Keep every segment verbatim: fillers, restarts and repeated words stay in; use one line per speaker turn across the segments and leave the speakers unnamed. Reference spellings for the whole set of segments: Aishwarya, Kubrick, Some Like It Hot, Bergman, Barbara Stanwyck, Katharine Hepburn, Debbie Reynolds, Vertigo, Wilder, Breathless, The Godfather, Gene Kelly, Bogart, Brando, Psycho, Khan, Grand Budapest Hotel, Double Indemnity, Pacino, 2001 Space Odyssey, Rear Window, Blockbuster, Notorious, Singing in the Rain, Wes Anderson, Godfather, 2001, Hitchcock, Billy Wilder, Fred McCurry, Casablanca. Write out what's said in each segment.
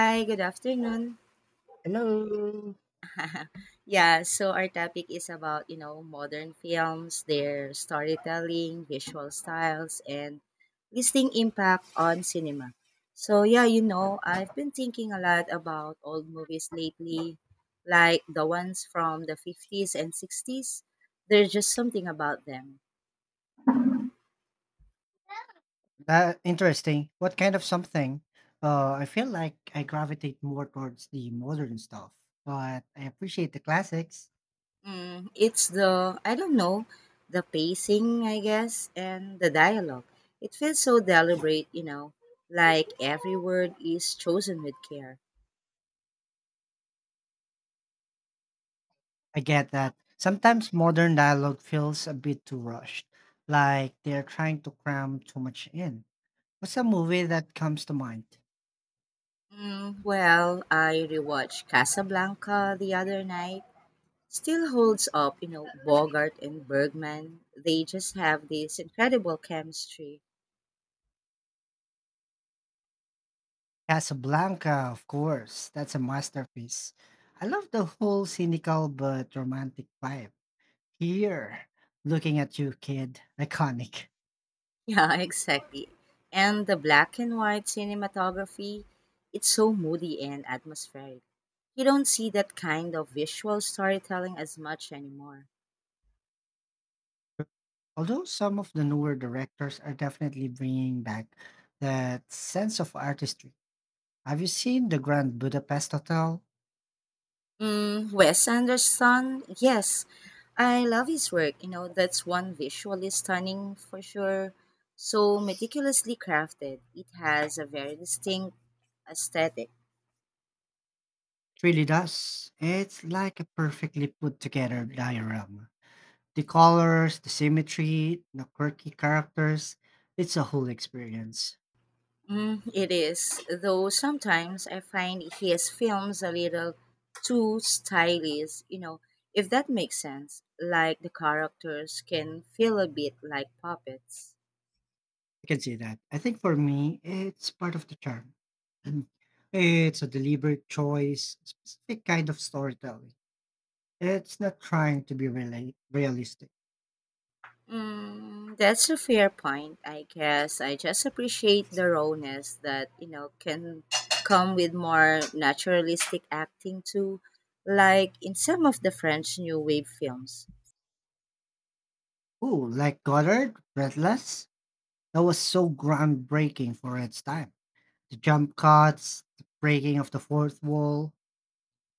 Hi, good afternoon.
Hello.
Yeah, so our topic is about, you know, modern films, their storytelling, visual styles, and lasting impact on cinema. So, yeah, you know, I've been thinking a lot about old movies lately, like the ones from the fifties and sixties. There's just something about them.
Uh, interesting. What kind of something? Uh, I feel like I gravitate more towards the modern stuff, but I appreciate the classics.
Mm, it's the, I don't know, the pacing, I guess, and the dialogue. It feels so deliberate, you know, like every word is chosen with care.
I get that sometimes modern dialogue feels a bit too rushed, like they're trying to cram too much in. What's a movie that comes to mind?
Mm, well, I rewatched Casablanca the other night. Still holds up, you know, Bogart and Bergman. They just have this incredible chemistry.
Casablanca, of course. That's a masterpiece. I love the whole cynical but romantic vibe. Here, looking at you, kid. Iconic.
Yeah, exactly. And the black and white cinematography, it's so moody and atmospheric. You don't see that kind of visual storytelling as much anymore.
Although some of the newer directors are definitely bringing back that sense of artistry. Have you seen the Grand Budapest Hotel?
Mm, Wes Anderson, yes, I love his work. You know, that's one visually stunning for sure. So meticulously crafted, it has a very distinct aesthetic.
It really does. It's like a perfectly put together diorama. The colors, the symmetry, the quirky characters, it's a whole experience.
Mm, it is, though sometimes I find his films a little too stylish, you know, if that makes sense. Like the characters can feel a bit like puppets.
I can see that. I think for me, it's part of the charm. And it's a deliberate choice, specific kind of storytelling. It's not trying to be really realistic.
Mm, that's a fair point, I guess. I just appreciate the rawness that, you know, can come with more naturalistic acting too, like in some of the French New Wave films.
Ooh, like Goddard, Breathless, that was so groundbreaking for its time. The jump cuts, the breaking of the fourth wall,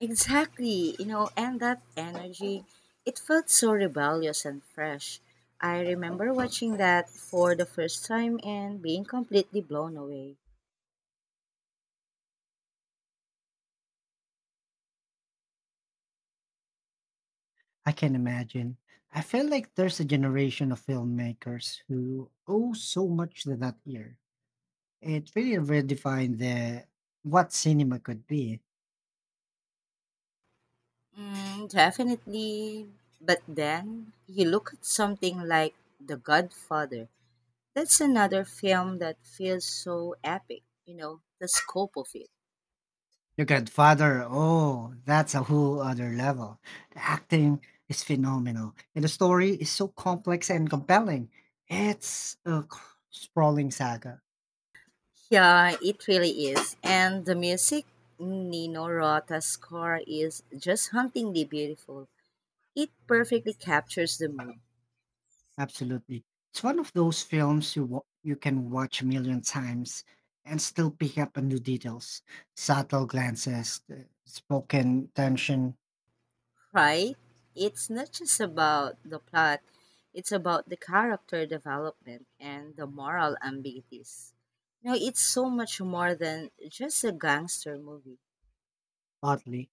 Exactly, you know, and that energy, it felt so rebellious and fresh. I remember watching that for the first time and being completely blown away.
I can imagine. I feel like there's a generation of filmmakers who owe so much to that year. It really redefined the what cinema could be.
Mm, definitely. But then you look at something like The Godfather. That's another film that feels so epic, you know, the scope of it.
Your Godfather, oh, that's a whole other level. The acting is phenomenal, and the story is so complex and compelling. It's a c- sprawling saga.
Yeah, it really is. And the music, Nino Rota's score is just hauntingly beautiful. It perfectly captures the mood,
Absolutely. It's one of those films you wa- you can watch a million times and still pick up on new details, subtle glances, the spoken tension,
right? It's not just about the plot, it's about the character development and the moral ambiguities. Now, it's so much more than just a gangster movie.
oddly.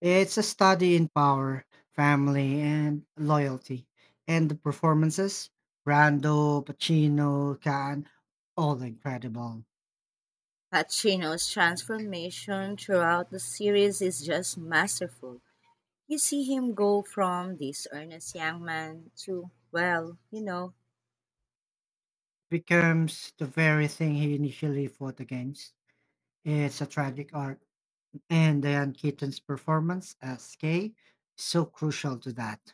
It's a study in power, family, and loyalty. And the performances, Brando, Pacino, Khan, all incredible.
Pacino's transformation throughout the series is just masterful. You see him go from this earnest young man to, well, you know,
Becomes the very thing he initially fought against. It's a tragic arc. And Diane Keaton's performance as Kay is so crucial to that.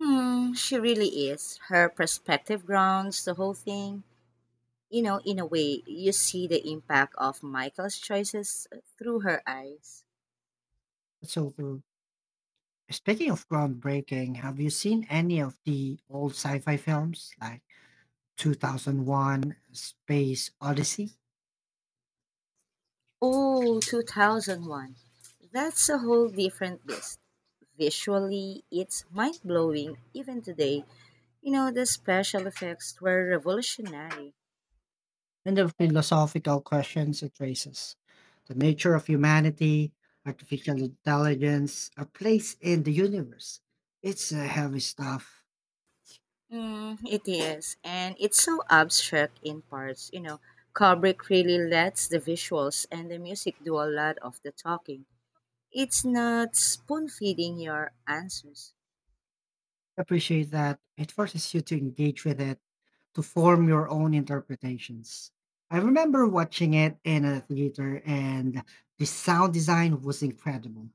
hmm, she really is. Her perspective grounds the whole thing. You know, in a way, you see the impact of Michael's choices through her eyes.
So, true. Speaking of groundbreaking, have you seen any of the old sci fi films like two thousand one Space Odyssey?
Oh, two thousand one. That's a whole different beast. Visually, it's mind blowing even today. You know, the special effects were revolutionary.
And the philosophical questions it raises. The nature of humanity, artificial intelligence, a place in the universe. It's a heavy stuff.
Mm, it is. And it's so abstract in parts. You know, Kubrick really lets the visuals and the music do a lot of the talking. It's not spoon feeding your answers.
Appreciate that. It forces you to engage with it, to form your own interpretations. I remember watching it in a theater, and the sound design was incredible.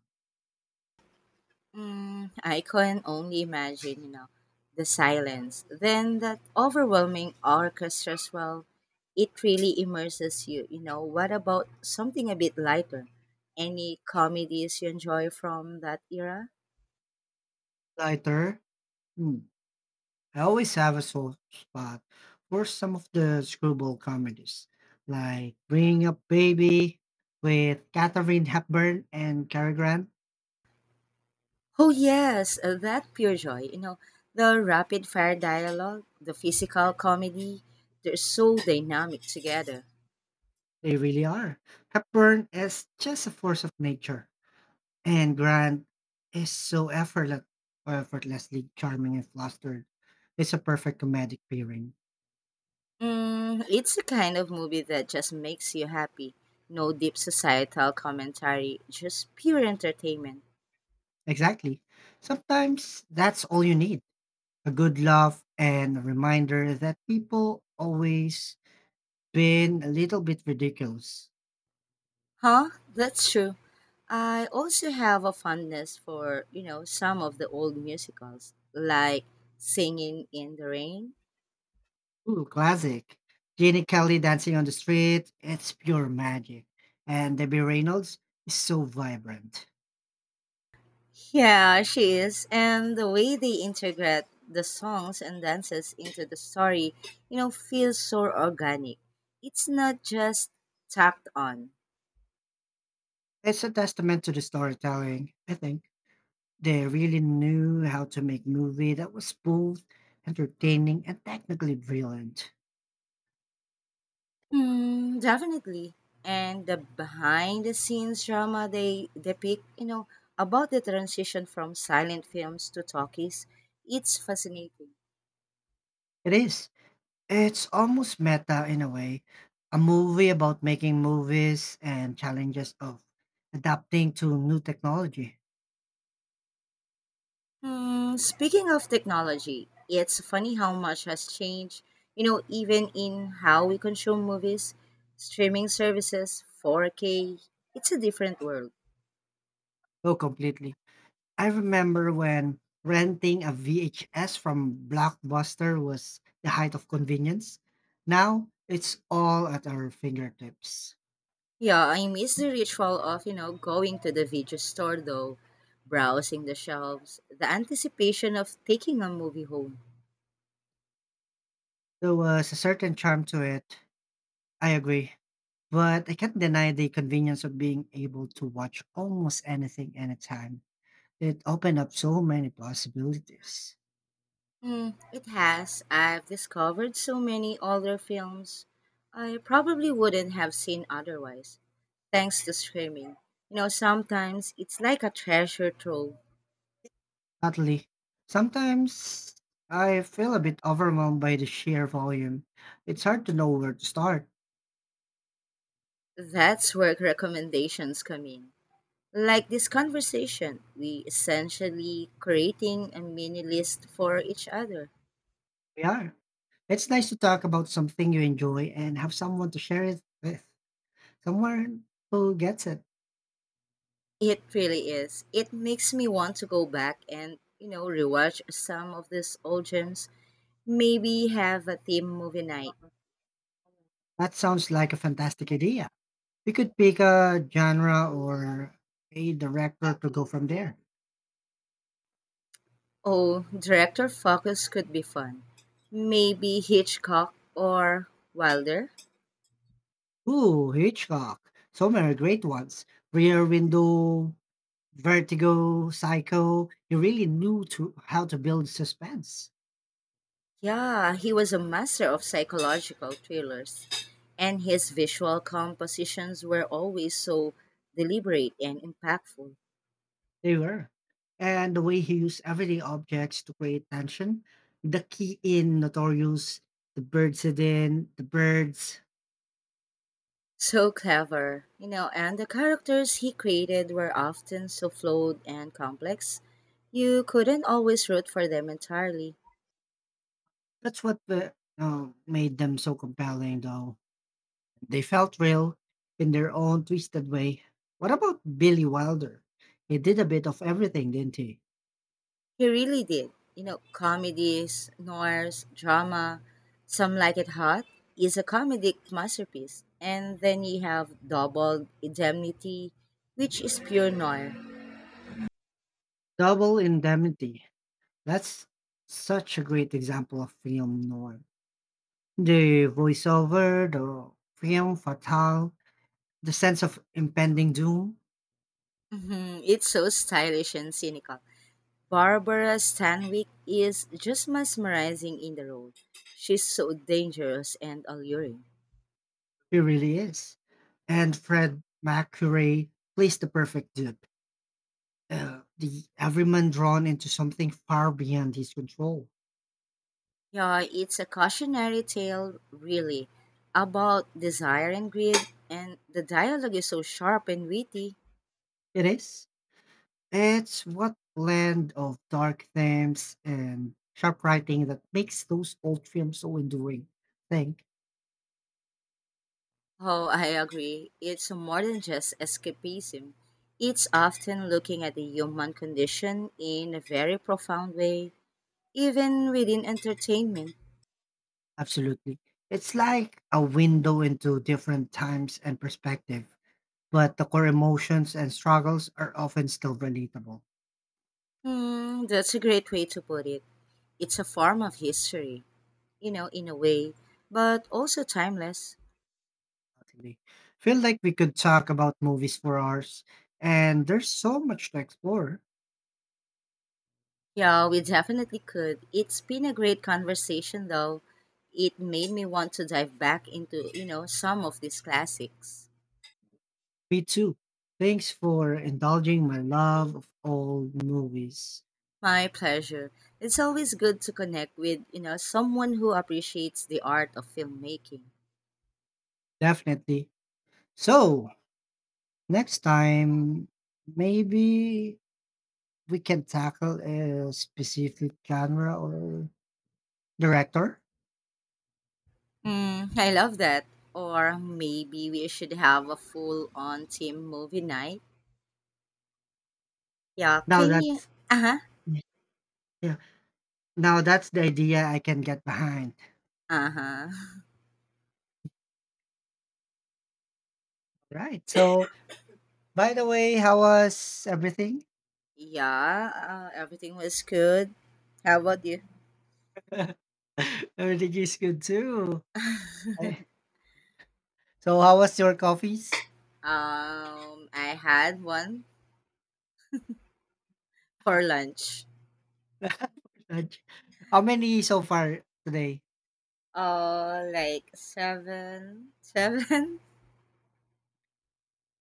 Mm, I can only imagine, you know, the silence. Then that overwhelming orchestra swell, it really immerses you. You know, what about something a bit lighter? Any comedies you enjoy from that era?
Lighter, hmm, I always have a soft spot for some of the screwball comedies, like Bringing Up Baby with Katharine Hepburn and Cary Grant.
Oh, yes, uh, that pure joy. You know, the rapid fire dialogue, the physical comedy, they're so dynamic together.
They really are. Hepburn is just a force of nature, and Grant is so effortless, or effortlessly charming and flustered. It's a perfect comedic pairing.
Mm, it's the kind of movie that just makes you happy. No deep societal commentary, just pure entertainment.
Exactly. Sometimes that's all you need, a good laugh and a reminder that people always been a little bit ridiculous.
Huh? That's true. I also have a fondness for, you know, some of the old musicals, like Singing in the Rain.
Ooh, classic. Gene Kelly dancing on the street, it's pure magic. And Debbie Reynolds is so vibrant.
Yeah, she is. And the way they integrate the songs and dances into the story, you know, feels so organic. It's not just tacked on.
It's a testament to the storytelling, I think. They really knew how to make movie that was both entertaining and technically brilliant.
Hmm, definitely. And the behind the scenes drama they depict, you know, about the transition from silent films to talkies, it's fascinating.
It is. It's almost meta in a way. A movie about making movies and challenges of adapting to new technology.
Hmm, speaking of technology, it's funny how much has changed, you know, even in how we consume movies, streaming services, four K, it's a different world.
Oh, completely. I remember when renting a V H S from Blockbuster was the height of convenience. Now it's all at our fingertips.
Yeah, I miss the ritual of, you know, going to the video store though, browsing the shelves, the anticipation of taking a movie home.
There was a certain charm to it. I agree. But I can't deny the convenience of being able to watch almost anything anytime. It opened up so many possibilities.
Mm, it has. I've discovered so many older films I probably wouldn't have seen otherwise, thanks to streaming. You know, sometimes it's like a treasure trove.
Oddly, sometimes I feel a bit overwhelmed by the sheer volume. It's hard to know where to start.
That's where recommendations come in. Like this conversation, we essentially creating a mini list for each other.
We are. It's nice to talk about something you enjoy and have someone to share it with, someone who gets it.
It really is. It makes me want to go back and, you know, rewatch some of these old gems. Maybe have a theme movie night.
That sounds like a fantastic idea. We could pick a genre or a director to go from there.
Oh, director focus could be fun. Maybe Hitchcock or Wilder.
Ooh, Hitchcock. So many great ones. Rear Window, Vertigo, Psycho. You really knew to how to build suspense.
Yeah, he was a master of psychological thrillers, and his visual compositions were always so deliberate and impactful.
They were. And the way he used everyday objects to create tension, the key in Notorious, the bird in the birds.
So clever, you know, and the characters he created were often so flawed and complex, you couldn't always root for them entirely.
That's what the, uh, made them so compelling, though. They felt real in their own twisted way. What about Billy Wilder? He did a bit of everything, didn't he?
He really did, you know, comedies, noirs, drama, some like it hot is a comedic masterpiece, and then you have Double Indemnity, which is pure noir.
Double Indemnity. That's such a great example of film noir. The voiceover, the film fatale, the sense of impending doom.
Mhm, it's so stylish and cynical. Barbara Stanwyck is just mesmerizing in the role. She's so dangerous and alluring.
He really is. And Fred McCurry plays the perfect dupe, uh, the everyman drawn into something far beyond his control.
Yeah, it's a cautionary tale, really, about desire and greed, and the dialogue is so sharp and witty.
It is. It's what blend of dark themes and sharp writing that makes those old films so enduring. Think,
Oh, I agree. It's more than just escapism. It's often looking at the human condition in a very profound way, even within entertainment.
absolutely. It's like a window into different times and perspective, but the core emotions and struggles are often still relatable.
Hmm, that's a great way to put it. It's a form of history. you know, in a way, but also timeless.
Definitely. Feel like we could talk about movies for hours, and there's so much to explore.
Yeah, we definitely could. It's been a great conversation, though. It made me want to dive back into, you know, some of these classics.
Me too. Thanks for indulging my love of old movies.
My pleasure. It's always good to connect with, you know, someone who appreciates the art of filmmaking.
Definitely. So, next time, maybe we can tackle a specific genre or director.
Mm, I love that. Or maybe we should have a full on team movie night. Yeah,
Now
can you?
that's
Uh huh.
yeah. Now that's the idea I can get behind.
Uh huh.
Right. So, by the way, how was everything?
Yeah, uh, everything was good. How about you?
Everything is good too. Eh, so how was your coffees?
Um, I had one for lunch.
Raj? How many so far today?
Uh, like seven, seven.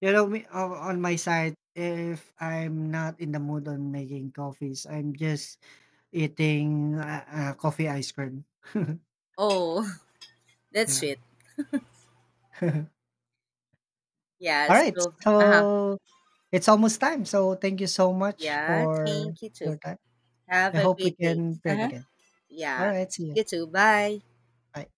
You know me, o- on my side, if I'm not in the mood on making coffees, I'm just eating uh, uh, coffee ice cream.
Oh, that's
Yeah.
sweet. Yeah.
All right.
So, uh-huh.
So it's almost time. So thank you so much
Yeah.
for
Thank you too.
your time.
Have
I
a
hope we
great day.
can
Uh
pair it
huh.
again. All
Yeah.
right. See you.
You too. Bye.
Bye.